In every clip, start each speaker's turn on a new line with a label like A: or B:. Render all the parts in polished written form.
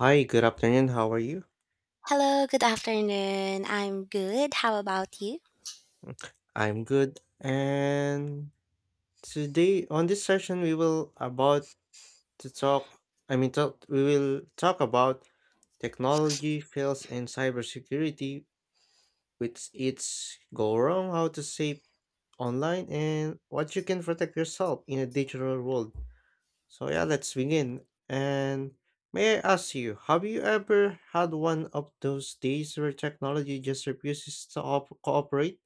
A: Hi, good afternoon. How are you?
B: Hello, good afternoon. I'm good. How about you?
A: I'm good. And today on this session we will about to talk I mean talk, we will talk about technology fails in cybersecurity with its go wrong, how to save online and what you can protect yourself in a digital world. So yeah, let's begin. And may I ask you, have you ever had one of those days where technology just refuses to cooperate?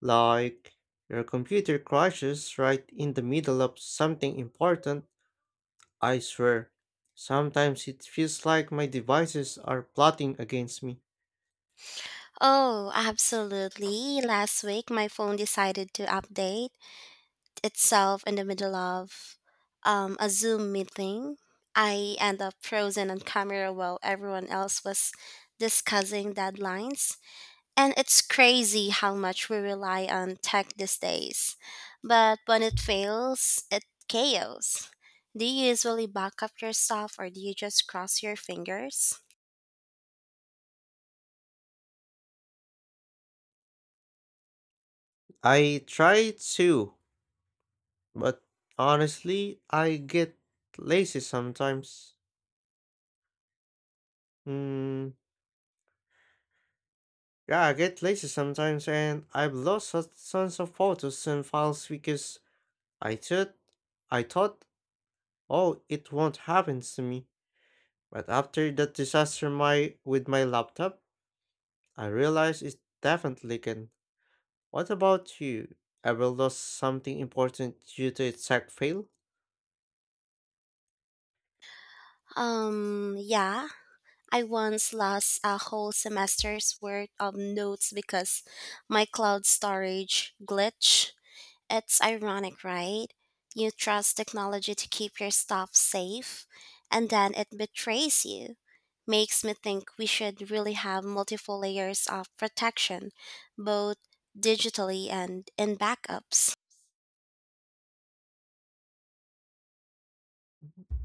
A: Like, your computer crashes right in the middle of something important, I swear. Sometimes it feels like my devices are plotting against me.
B: Oh, absolutely. Last week, my phone decided to update itself in the middle of a Zoom meeting. I end up frozen on camera while everyone else was discussing deadlines. And it's crazy how much we rely on tech these days. But when it fails, it chaos. Do you usually back up your stuff or do you just cross your fingers?
A: I try to, but honestly, I get lazy sometimes. Mm, yeah, I get lazy sometimes, and I've lost tons of photos and files because I thought, I thought, oh, it won't happen to me. But after that disaster, my with my laptop, I realize it definitely can. What about you? Ever lost something important due to a tech fail?
B: Yeah, I once lost a whole semester's worth of notes because my cloud storage glitched. It's ironic, right? You trust technology to keep your stuff safe, and then it betrays you. Makes me think we should really have multiple layers of protection, both digitally and in backups.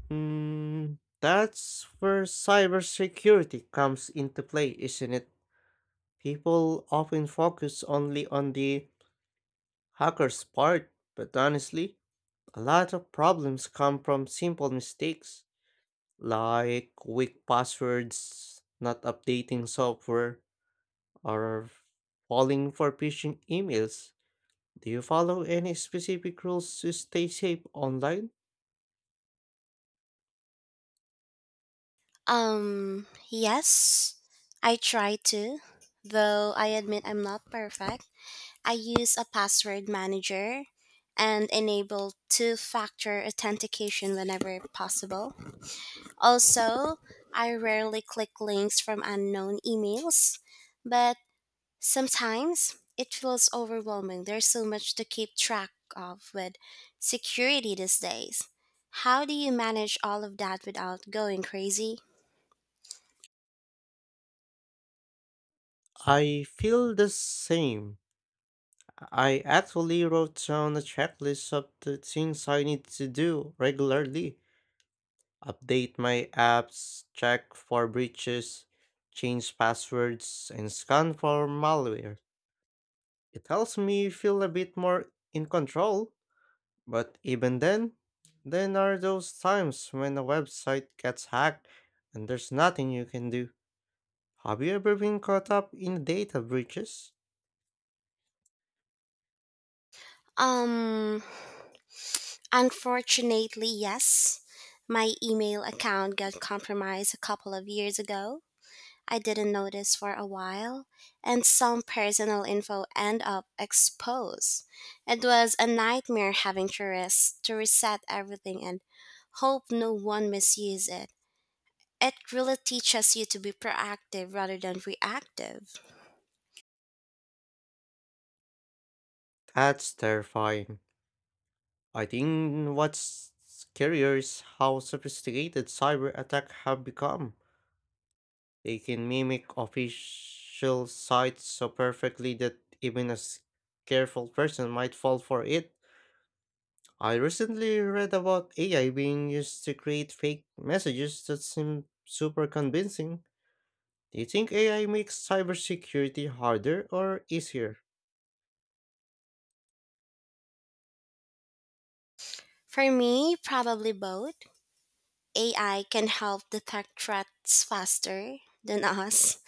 A: Hmm, that's where cybersecurity comes into play, isn't it? People often focus only on the hacker's part, but honestly, a lot of problems come from simple mistakes like weak passwords, not updating software, or falling for phishing emails. Do you follow any specific rules to stay safe online?
B: Yes, I try to, though I admit I'm not perfect. I use a password manager and enable two factor authentication whenever possible. Also, I rarely click links from unknown emails, but sometimes it feels overwhelming. There's so much to keep track of with security these days. How do you manage all of that without going crazy?
A: I feel the same. I actually wrote down a checklist of the things I need to do regularly. Update my apps, check for breaches, change passwords, and scan for malware. It helps me feel a bit more in control, but even then are those times when a website gets hacked and there's nothing you can do. Have you ever been caught up in data breaches?
B: Um, Unfortunately, yes. My email account got compromised a couple of years ago. I didn't notice for a while, and some personal info end up exposed. It was a nightmare having to reset everything and hope no one misused it. It really teaches you to be proactive rather than reactive.
A: That's terrifying. I think what's scarier is how sophisticated cyber attacks have become. They can mimic official sites so perfectly that even careful person might fall for it. I recently read about AI being used to create fake messages that seem super convincing. Do you think AI makes cybersecurity harder or easier?
B: For me, probably both. AI can help detect threats faster than us,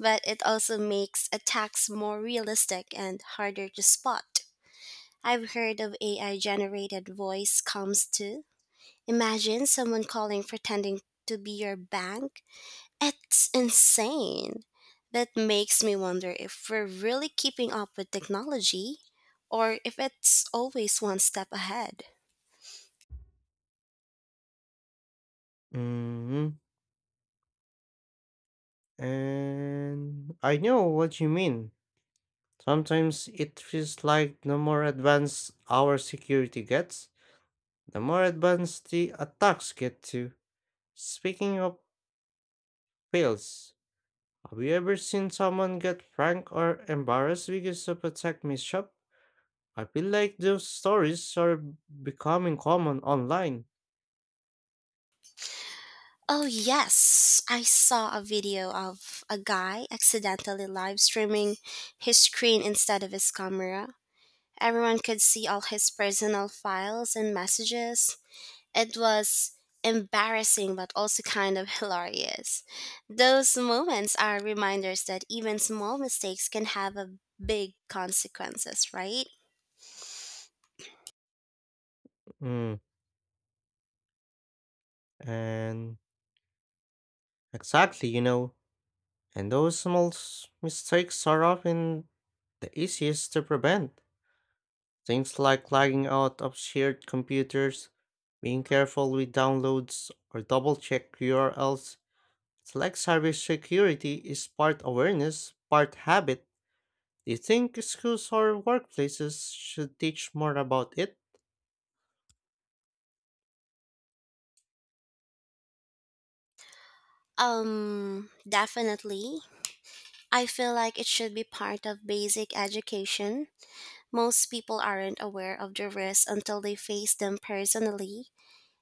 B: but it also makes attacks more realistic and harder to spot. I've heard of AI generated voice comms too. Imagine someone calling pretending to be your bank. It's insane. That makes me wonder if we're really keeping up with technology or if it's always one step ahead.
A: Mhm. And I know what you mean. Sometimes it feels like the more advanced our security gets, the more advanced the attacks get too. Speaking of fails, have you ever seen someone get frank or embarrassed because of a tech mishap? I feel like those stories are becoming common online.
B: Oh, yes, I saw a video of a guy accidentally live streaming his screen instead of his camera. Everyone could see all his personal files and messages. It was embarrassing, but also kind of hilarious. Those moments are reminders that even small mistakes can have a big consequences, right?
A: Mm. And exactly, and those mistakes are often the easiest to prevent. Things like logging out of shared computers, being careful with downloads, or double check URLs. It's like cybersecurity is part awareness, part habit. Do you think schools or workplaces should teach more about it?
B: Definitely. I feel like it should be part of basic education. Most people aren't aware of the risks until they face them personally.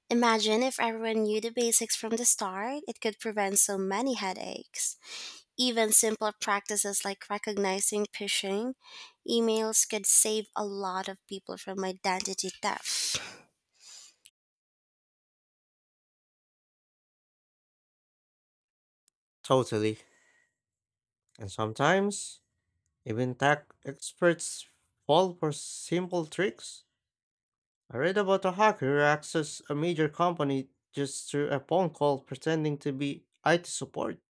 B: Imagine if everyone knew the basics from the start, it could prevent so many headaches. Even simple practices like recognizing phishing emails could save a lot of people from identity theft.
A: Totally. And sometimes, even tech experts fall for simple tricks. I read about a hacker who accessed a major company just through a phone call pretending to be IT support.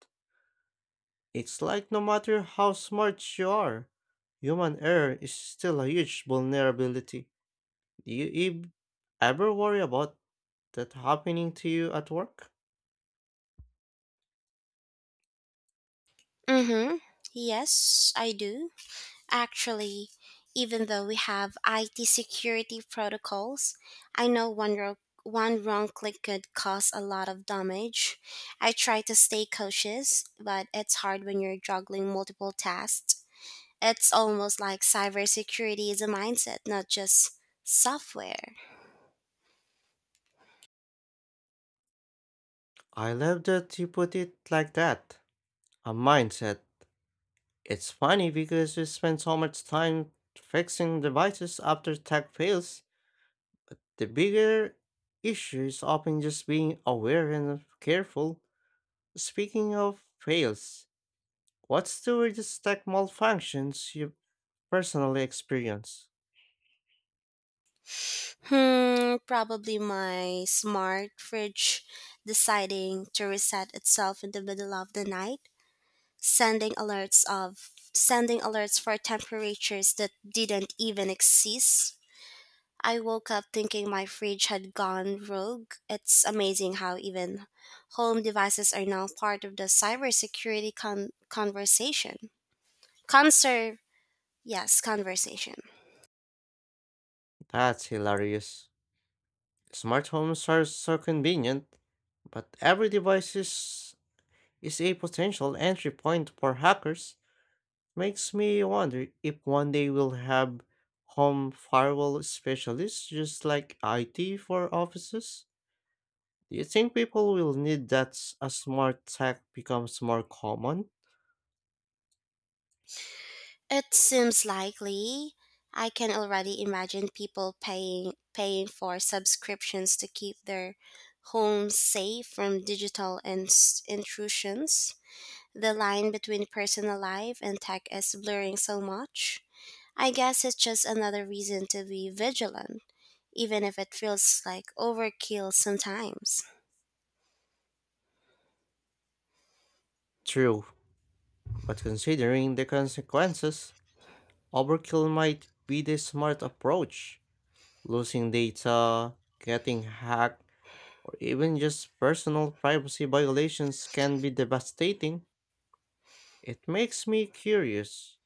A: It's like no matter how smart you are, human error is still a huge vulnerability. Do you ev- Ever worry about that happening to you at work?
B: Mm-hmm. Yes, I do. Actually, even though we have IT security protocols, I know one wrong click could cause a lot of damage. I try to stay cautious, but it's hard when you're juggling multiple tasks. It's almost like cybersecurity is a mindset, not just software.
A: I love that you put it like that. A mindset. It's funny because we spend so much time fixing devices after tech fails. The bigger issue is often just being aware and careful. Speaking of fails, what's the weirdest tech malfunctions you've personally experience.
B: Hmm, probably my smart fridge deciding to reset itself in the middle of the night, sending alerts for temperatures that didn't even exist. I woke up thinking my fridge had gone rogue. It's amazing how even home devices are now part of the cybersecurity conversation. Conser Yes, conversation.
A: That's hilarious. Smart homes are so convenient, but every device is a potential entry point for hackers. Makes me wonder if one day we'll have home firewall specialists just like IT for offices. Do you think people will need as smart tech becomes more common?
B: It seems likely. I can already imagine people paying for subscriptions to keep their homes safe from digital intrusions. The line between personal life and tech is blurring so much. I guess it's just another reason to be vigilant, even if it feels like overkill sometimes.
A: True, but considering the consequences, overkill might be the smart approach. Losing data, getting hacked, or even just personal privacy violations can be devastating. It makes me curious.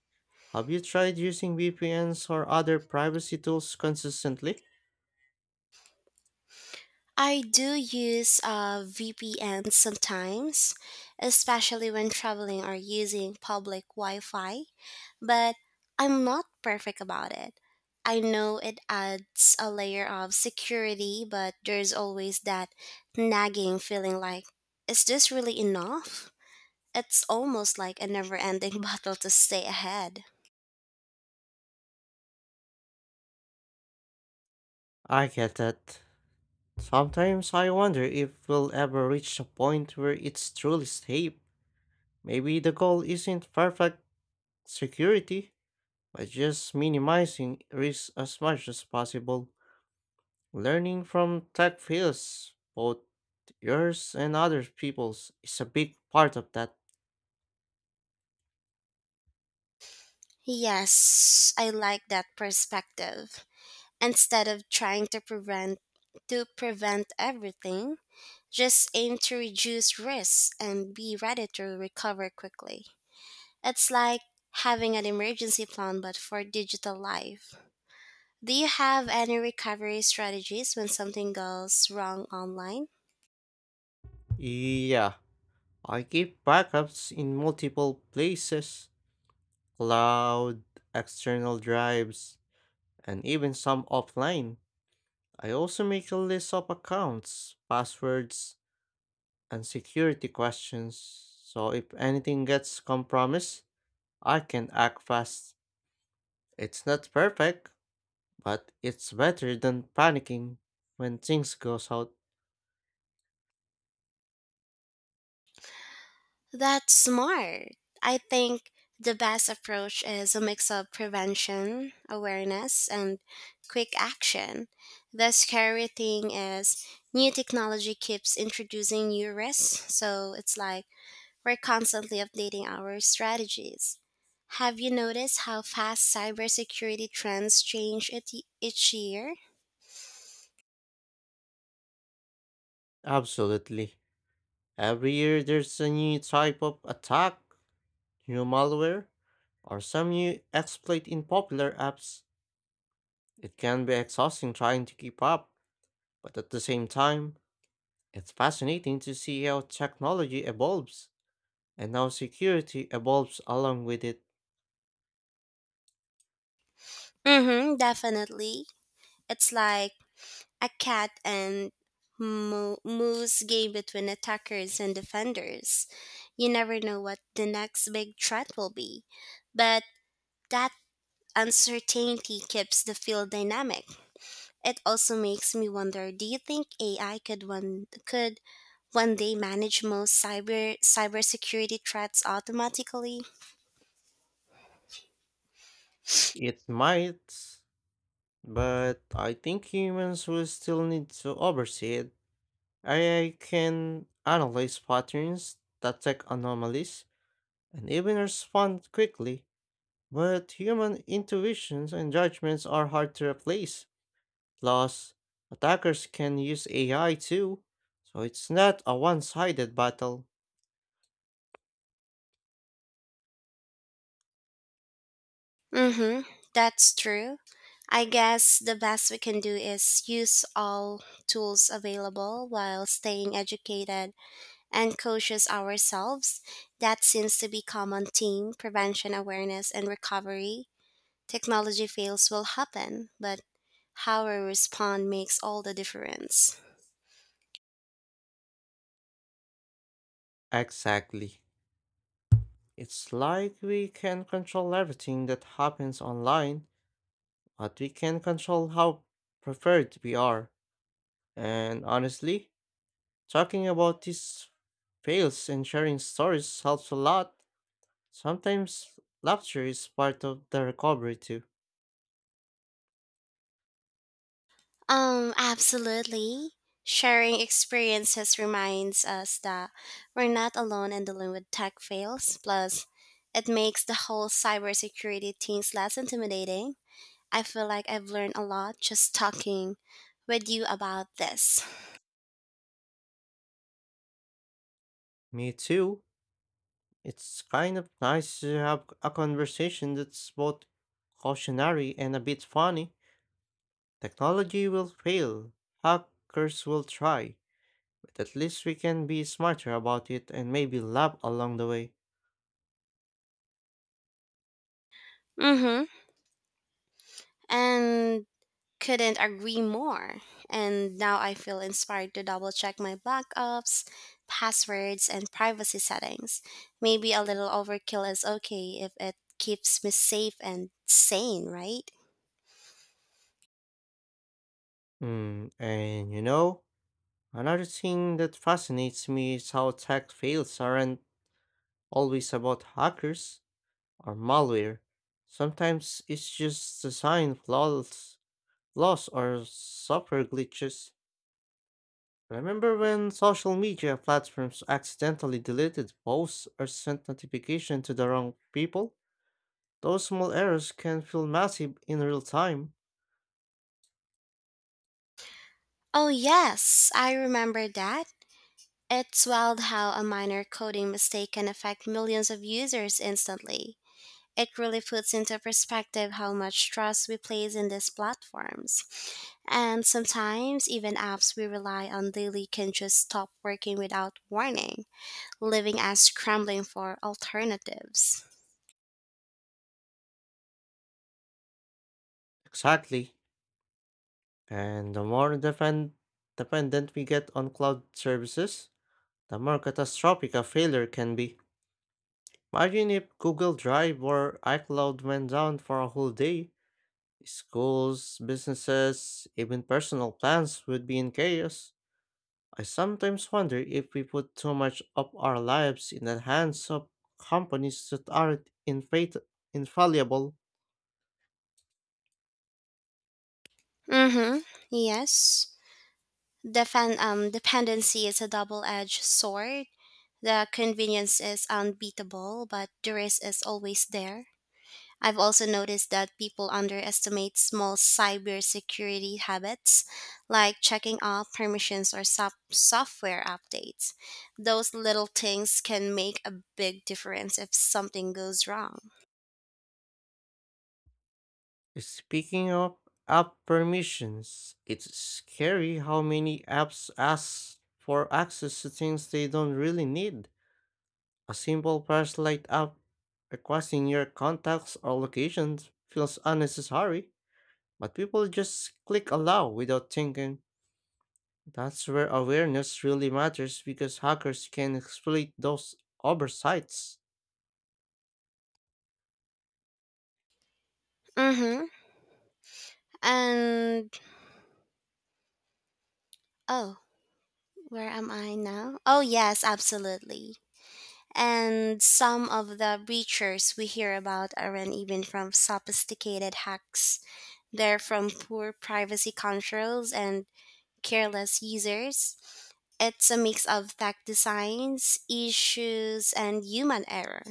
A: Have you tried using VPNs or other privacy tools consistently?
B: I do use VPN sometimes, especially when traveling or using public Wi Fi, but I'm not perfect about it. I know it adds a layer of security, but there's always that nagging feeling like, is this really enough? It's almost like a never ending battle to stay ahead.
A: I get that. Sometimes I wonder if we'll ever reach a point where it's truly safe. Maybe the goal isn't perfect security, but just minimizing risk as much as possible. Learning from tech fails, both yours and other people's is a big part of that.
B: Yes, I like that perspective. Instead of trying to prevent everything, just aim to reduce risks and be ready to recover quickly. It's like having an emergency plan but for digital life. Do you have any recovery strategies when something goes wrong online?
A: Yeah, I keep backups in multiple places, cloud, external drives, and even some offline. I also make a list of accounts, passwords, and security questions so if anything gets compromised, I can act fast. It's not perfect, but it's better than panicking when things goes out.
B: That's smart. I think the best approach is a mix of prevention, awareness, and quick action. The scary thing is, new technology keeps introducing new risks, so it's like we're constantly updating our strategies. Have you noticed how fast cybersecurity trends change it each year?
A: Absolutely. Every year there's a new type of attack, new malware, or some new exploit in popular apps. It can be exhausting trying to keep up, but at the same time, it's fascinating to see how technology evolves and how security evolves along with it.
B: Mm-hmm, definitely. It's like a cat and moose game between attackers and defenders. You never know what the next big threat will be, but that uncertainty keeps the field dynamic. It also makes me wonder: Do you think AI could one could when they manage most cybersecurity threats automatically.
A: It might, but I think humans will still need to oversee it. AI can analyze patterns, detect anomalies, and even respond quickly. But human intuitions and judgments are hard to replace. Plus, attackers can use AI too, so it's not a one sided battle.
B: Mhm. That's true. I guess the best we can do is use all tools available while staying educated and cautious ourselves. That seems to be common theme prevention awareness and recovery. Technology fails will happen, but how we respond makes all the difference.
A: Exactly. It's like we can control everything that happens online, but we can control how preferred we are. And honestly, talking about these fails and sharing stories helps a lot. Sometimes laughter is part of the recovery too.
B: Absolutely. Sharing experiences reminds us that we're not alone in dealing with tech fails. Plus, it makes the whole cybersecurity things less intimidating. I feel like I've learned a lot just talking with you about this.
A: Me too. It's kind of nice to have a conversation that's both cautionary and a bit funny. Technology will fail, hackers will try, but at least we can be smarter about it and maybe laugh along the way.
B: Mm-hmm. And couldn't agree more. And now I feel inspired to double check my backups, passwords, and privacy settings. Maybe a little overkill is okay if it keeps me safe and sane, right?
A: Hmm, and you know, another thing that fascinates me is how tech fails aren't always about hackers or malware. Sometimes it's just design flaws or software glitches. Remember when social media platforms accidentally deleted posts or sent notification to the wrong people? Those small errors can feel massive in real time.
B: Oh, yes, I remember that. It's wild how a minor coding mistake can affect millions of users instantly. It really puts into perspective how much trust we place in these platforms. And sometimes, even apps we rely on daily can just stop working without warning, leaving us scrambling for alternatives.
A: Exactly. And the more dependent we get on cloud services, the more catastrophic a failure can be. Imagine if Google Drive or iCloud went down for a whole day. Schools, businesses, even personal plans would be in chaos. I sometimes wonder if we put too much of our lives in the hands of companies that aren't infallible.
B: Mm-hmm. Yes. Dependency is a double edged sword. The convenience is unbeatable, but the risk is always there. I've also noticed that people underestimate small cybersecurity habits like checking off permissions or software updates. Those little things can make a big difference if something goes wrong.
A: Speaking of app permissions, it's scary how many apps ask for access to things they don't really need. A simple flashlight app requesting your contacts or locations feels unnecessary, but people just click allow without thinking. That's where awareness really matters because hackers can exploit those oversights.
B: Mm-hmm. And oh, where am I now? Oh, yes, absolutely. And some of the breaches we hear about aren't even from sophisticated hacks. They're from poor privacy controls and careless users. It's a mix of tech designs, issues, and human error.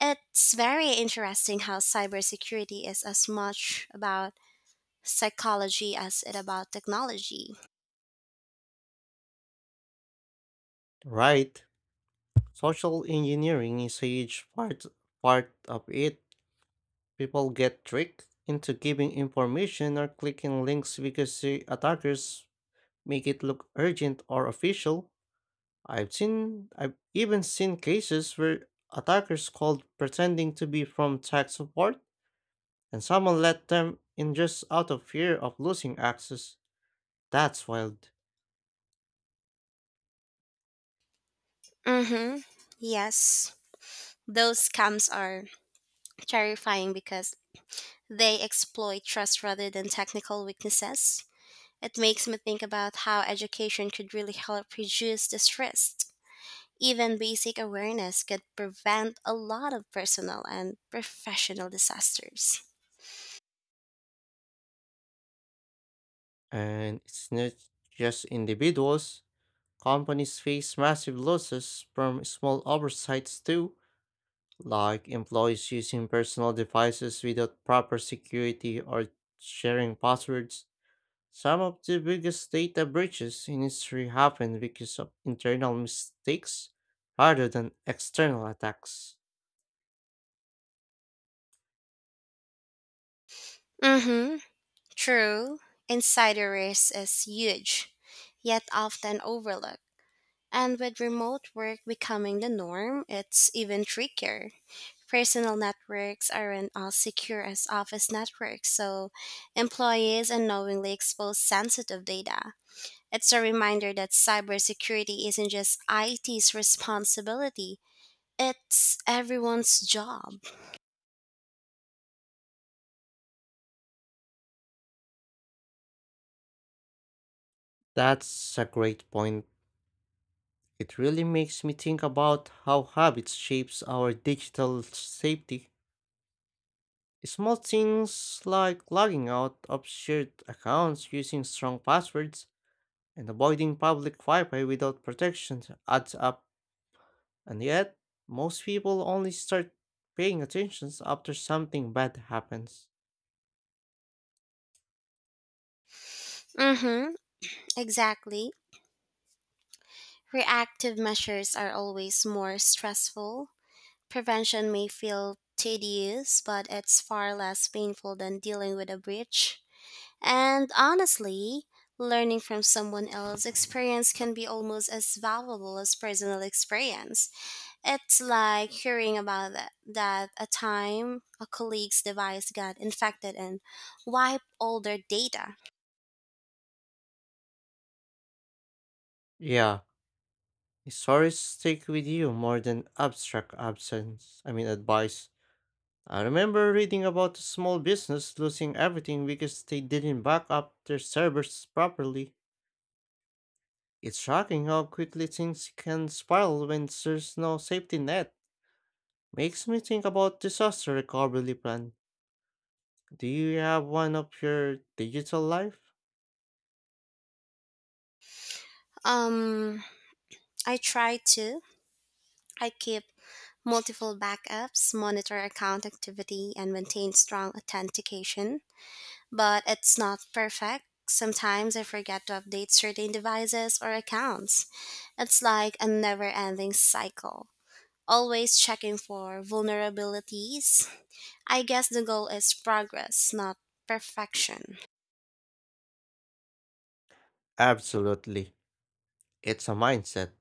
B: It's very interesting how cybersecurity is as much about psychology as it about technology.
A: Right. Social engineering is a huge part of it. People get tricked into giving information or clicking links because the attackers make it look urgent or official. I've even seen cases where attackers called pretending to be from tech support and someone let them in just out of fear of losing access. That's wild.
B: Mm-hmm. Yes. Those scams are terrifying because they exploit trust rather than technical weaknesses. It makes me think about how education could really help reduce this risk. Even basic awareness could prevent a lot of personal and professional disasters.
A: And it's not just individuals, companies face massive losses from small oversights too, like employees using personal devices without proper security or sharing passwords. Some of the biggest data breaches in history happen because of internal mistakes rather than external attacks.
B: Mm-hmm. True. Insider risk is huge, yet often overlooked. And with remote work becoming the norm, it's even trickier. Personal networks aren't as secure as office networks, so employees unknowingly expose sensitive data. It's a reminder that cybersecurity isn't just IT's responsibility, it's everyone's job.
A: That's a great point. It really makes me think about how habits shapes our digital safety. Small things like logging out of shared accounts using strong passwords and avoiding public Wi-Fi without protection adds up, and yet most people only start paying attention after something bad happens.
B: Mhm, exactly. Reactive measures are always more stressful. Prevention may feel tedious, but it's far less painful than dealing with a breach. And honestly, learning from someone else's experience can be almost as valuable as personal experience. It's like hearing about that a time a colleague's device got infected and wiped all their data.
A: Yeah, stories stick with you more than abstract absence. I mean advice. I remember reading about a small business losing everything because they didn't back up their servers properly. It's shocking how quickly things can spiral when there's no safety net. Makes me think about disaster recovery plan. Do you have one of your digital life?
B: Um, I try to. I keep multiple backups, monitor account activity, and maintain strong authentication. But it's not perfect. Sometimes I forget to update certain devices or accounts. It's like a never ending cycle, always checking for vulnerabilities. I guess the goal is progress, not perfection.
A: Absolutely. It's a mindset.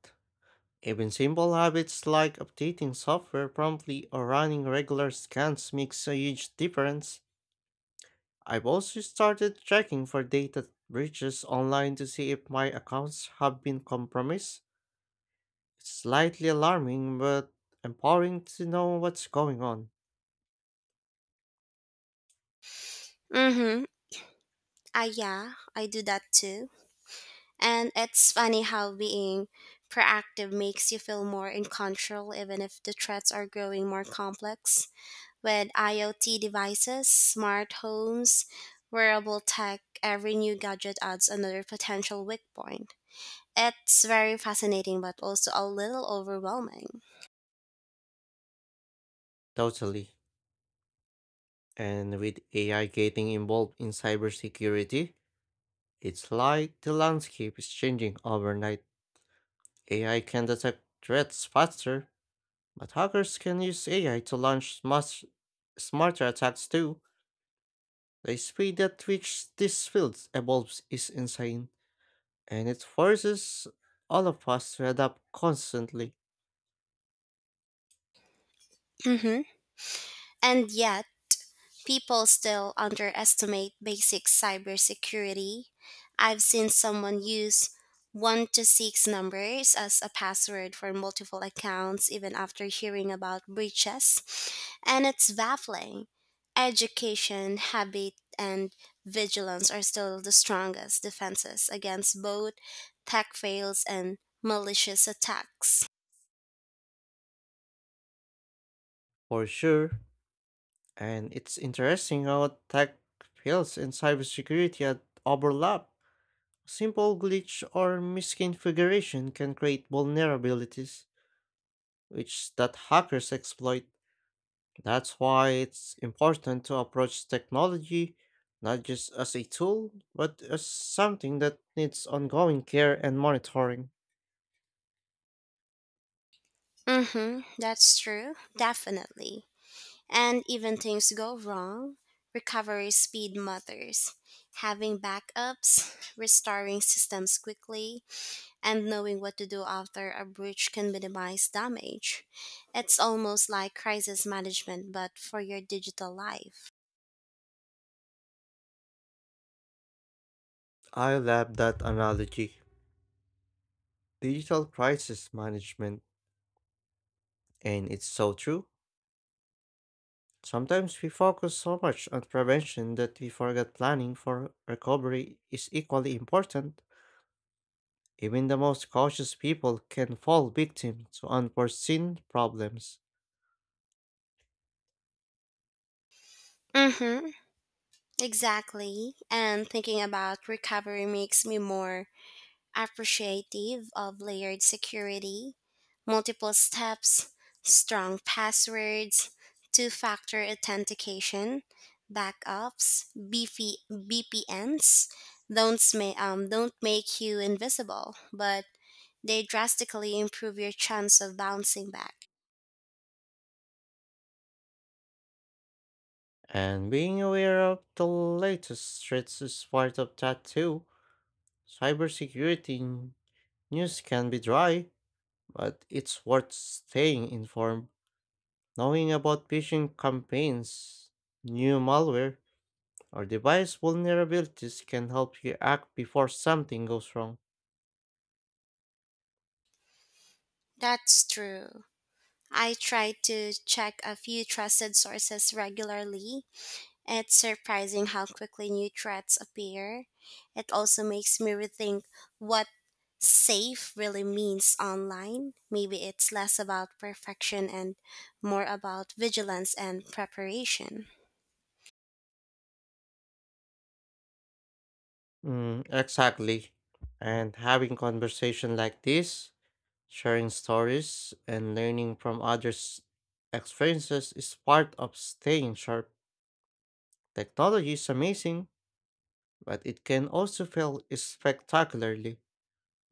A: Even simple habits like updating software promptly or running regular scans makes a huge difference. I've also started checking for data breaches online to see if my accounts have been compromised. It's slightly alarming, but empowering to know what's going on.
B: Mm hmm. Ah, yeah, I do that too. And it's funny how being proactive makes you feel more in control, even if the threats are growing more complex. With IoT devices, smart homes, wearable tech, every new gadget adds another potential weak point. It's very fascinating, but also a little overwhelming.
A: Totally. And with AI getting involved in cybersecurity, it's like the landscape is changing overnight. AI can detect threats faster, but hackers can use AI to launch much smarter attacks too. The speed at which this field evolves is insane, and it forces all of us to adapt constantly.
B: Hmm. And yet, people still underestimate basic cybersecurity. I've seen someone use 1 to 6 numbers as a password for multiple accounts even after hearing about breaches, and it's baffling. Education, habit, and vigilance are still the strongest defenses against both tech fails and malicious attacks.
A: For sure, and it's interesting how tech fields and overlap. A simple glitch or misconfiguration can create vulnerabilities, which that hackers exploit. That's why it's important to approach technology not just as a tool, but as something that needs ongoing care and monitoring.
B: Mhm, that's true. Definitely. And even things go wrong, recovery speed matters. Having backups, restoring systems quickly, and knowing what to do after a breach can minimize damage. It's almost like crisis management, but for your digital life.
A: I love that analogy. Digital crisis management, and it's so true. Sometimes we focus so much on prevention that we forget planning for recovery is equally important. Even the most cautious people can fall victim to unforeseen problems.
B: Mm-hmm. Exactly. And thinking about recovery makes me more appreciative of layered security, multiple steps, strong passwords, two factor authentication, backups, BP, BPNs. Don't make you invisible, but they drastically improve your chance of bouncing back.
A: And being aware of the latest threats is part of that too. Cybersecurity news can be dry, but it's worth staying informed. Knowing about phishing campaigns, new malware, our device vulnerabilities can help you act before something goes wrong.
B: That's true. I try to check a few trusted sources regularly. It's surprising how quickly new threats appear. It also makes me rethink what safe really means online. Maybe it's less about perfection and more about vigilance and preparation.
A: Mm, exactly. And having conversation like this, sharing stories and learning from others' experiences is part of staying sharp. Technology is amazing, but it can also fail spectacularly.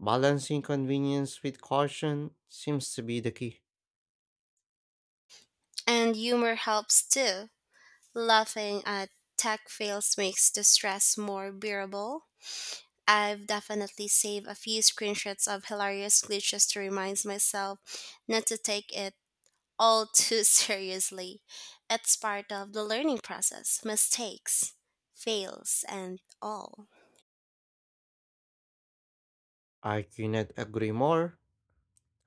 A: Balancing convenience with caution seems to be the key.
B: And humor helps too. Laughing at tech fails makes the stress more bearable. I've definitely saved a few screenshots of hilarious glitches to remind myself not to take it all too seriously. It's part of the learning process, mistakes, fails, and all.
A: I cannot agree more.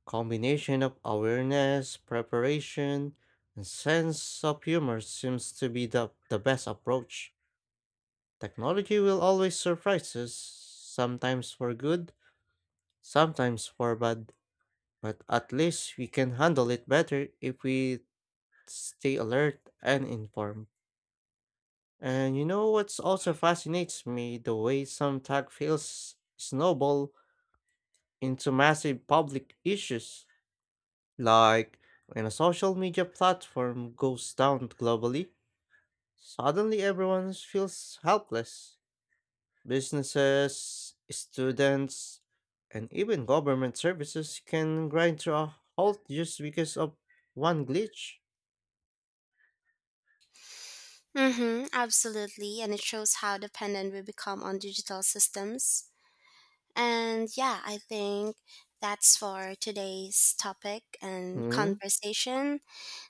A: Combination of awareness, preparation, and sense of humor seems to be the best approach. Technology will always surprise us, sometimes for good, sometimes for bad, but at least we can handle it better if we stay alert and informed. And you know what's also fascinates me the way some tech feels snowball into massive public issues. Like, when a social media platform goes down globally, suddenly everyone feels helpless. Businesses, students, and even government services can grind to a halt just because of one glitch.
B: Mm-hmm, absolutely. And it shows how dependent we become on digital systems. And yeah, I think that's for today's topic and
A: Mm-hmm.
B: conversation.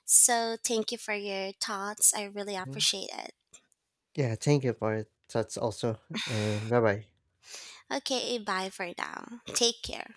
B: So thank you for your thoughts. I really appreciate it.
A: Yeah, thank you for it. That's also, and bye bye.
B: Okay, bye for now. Take care.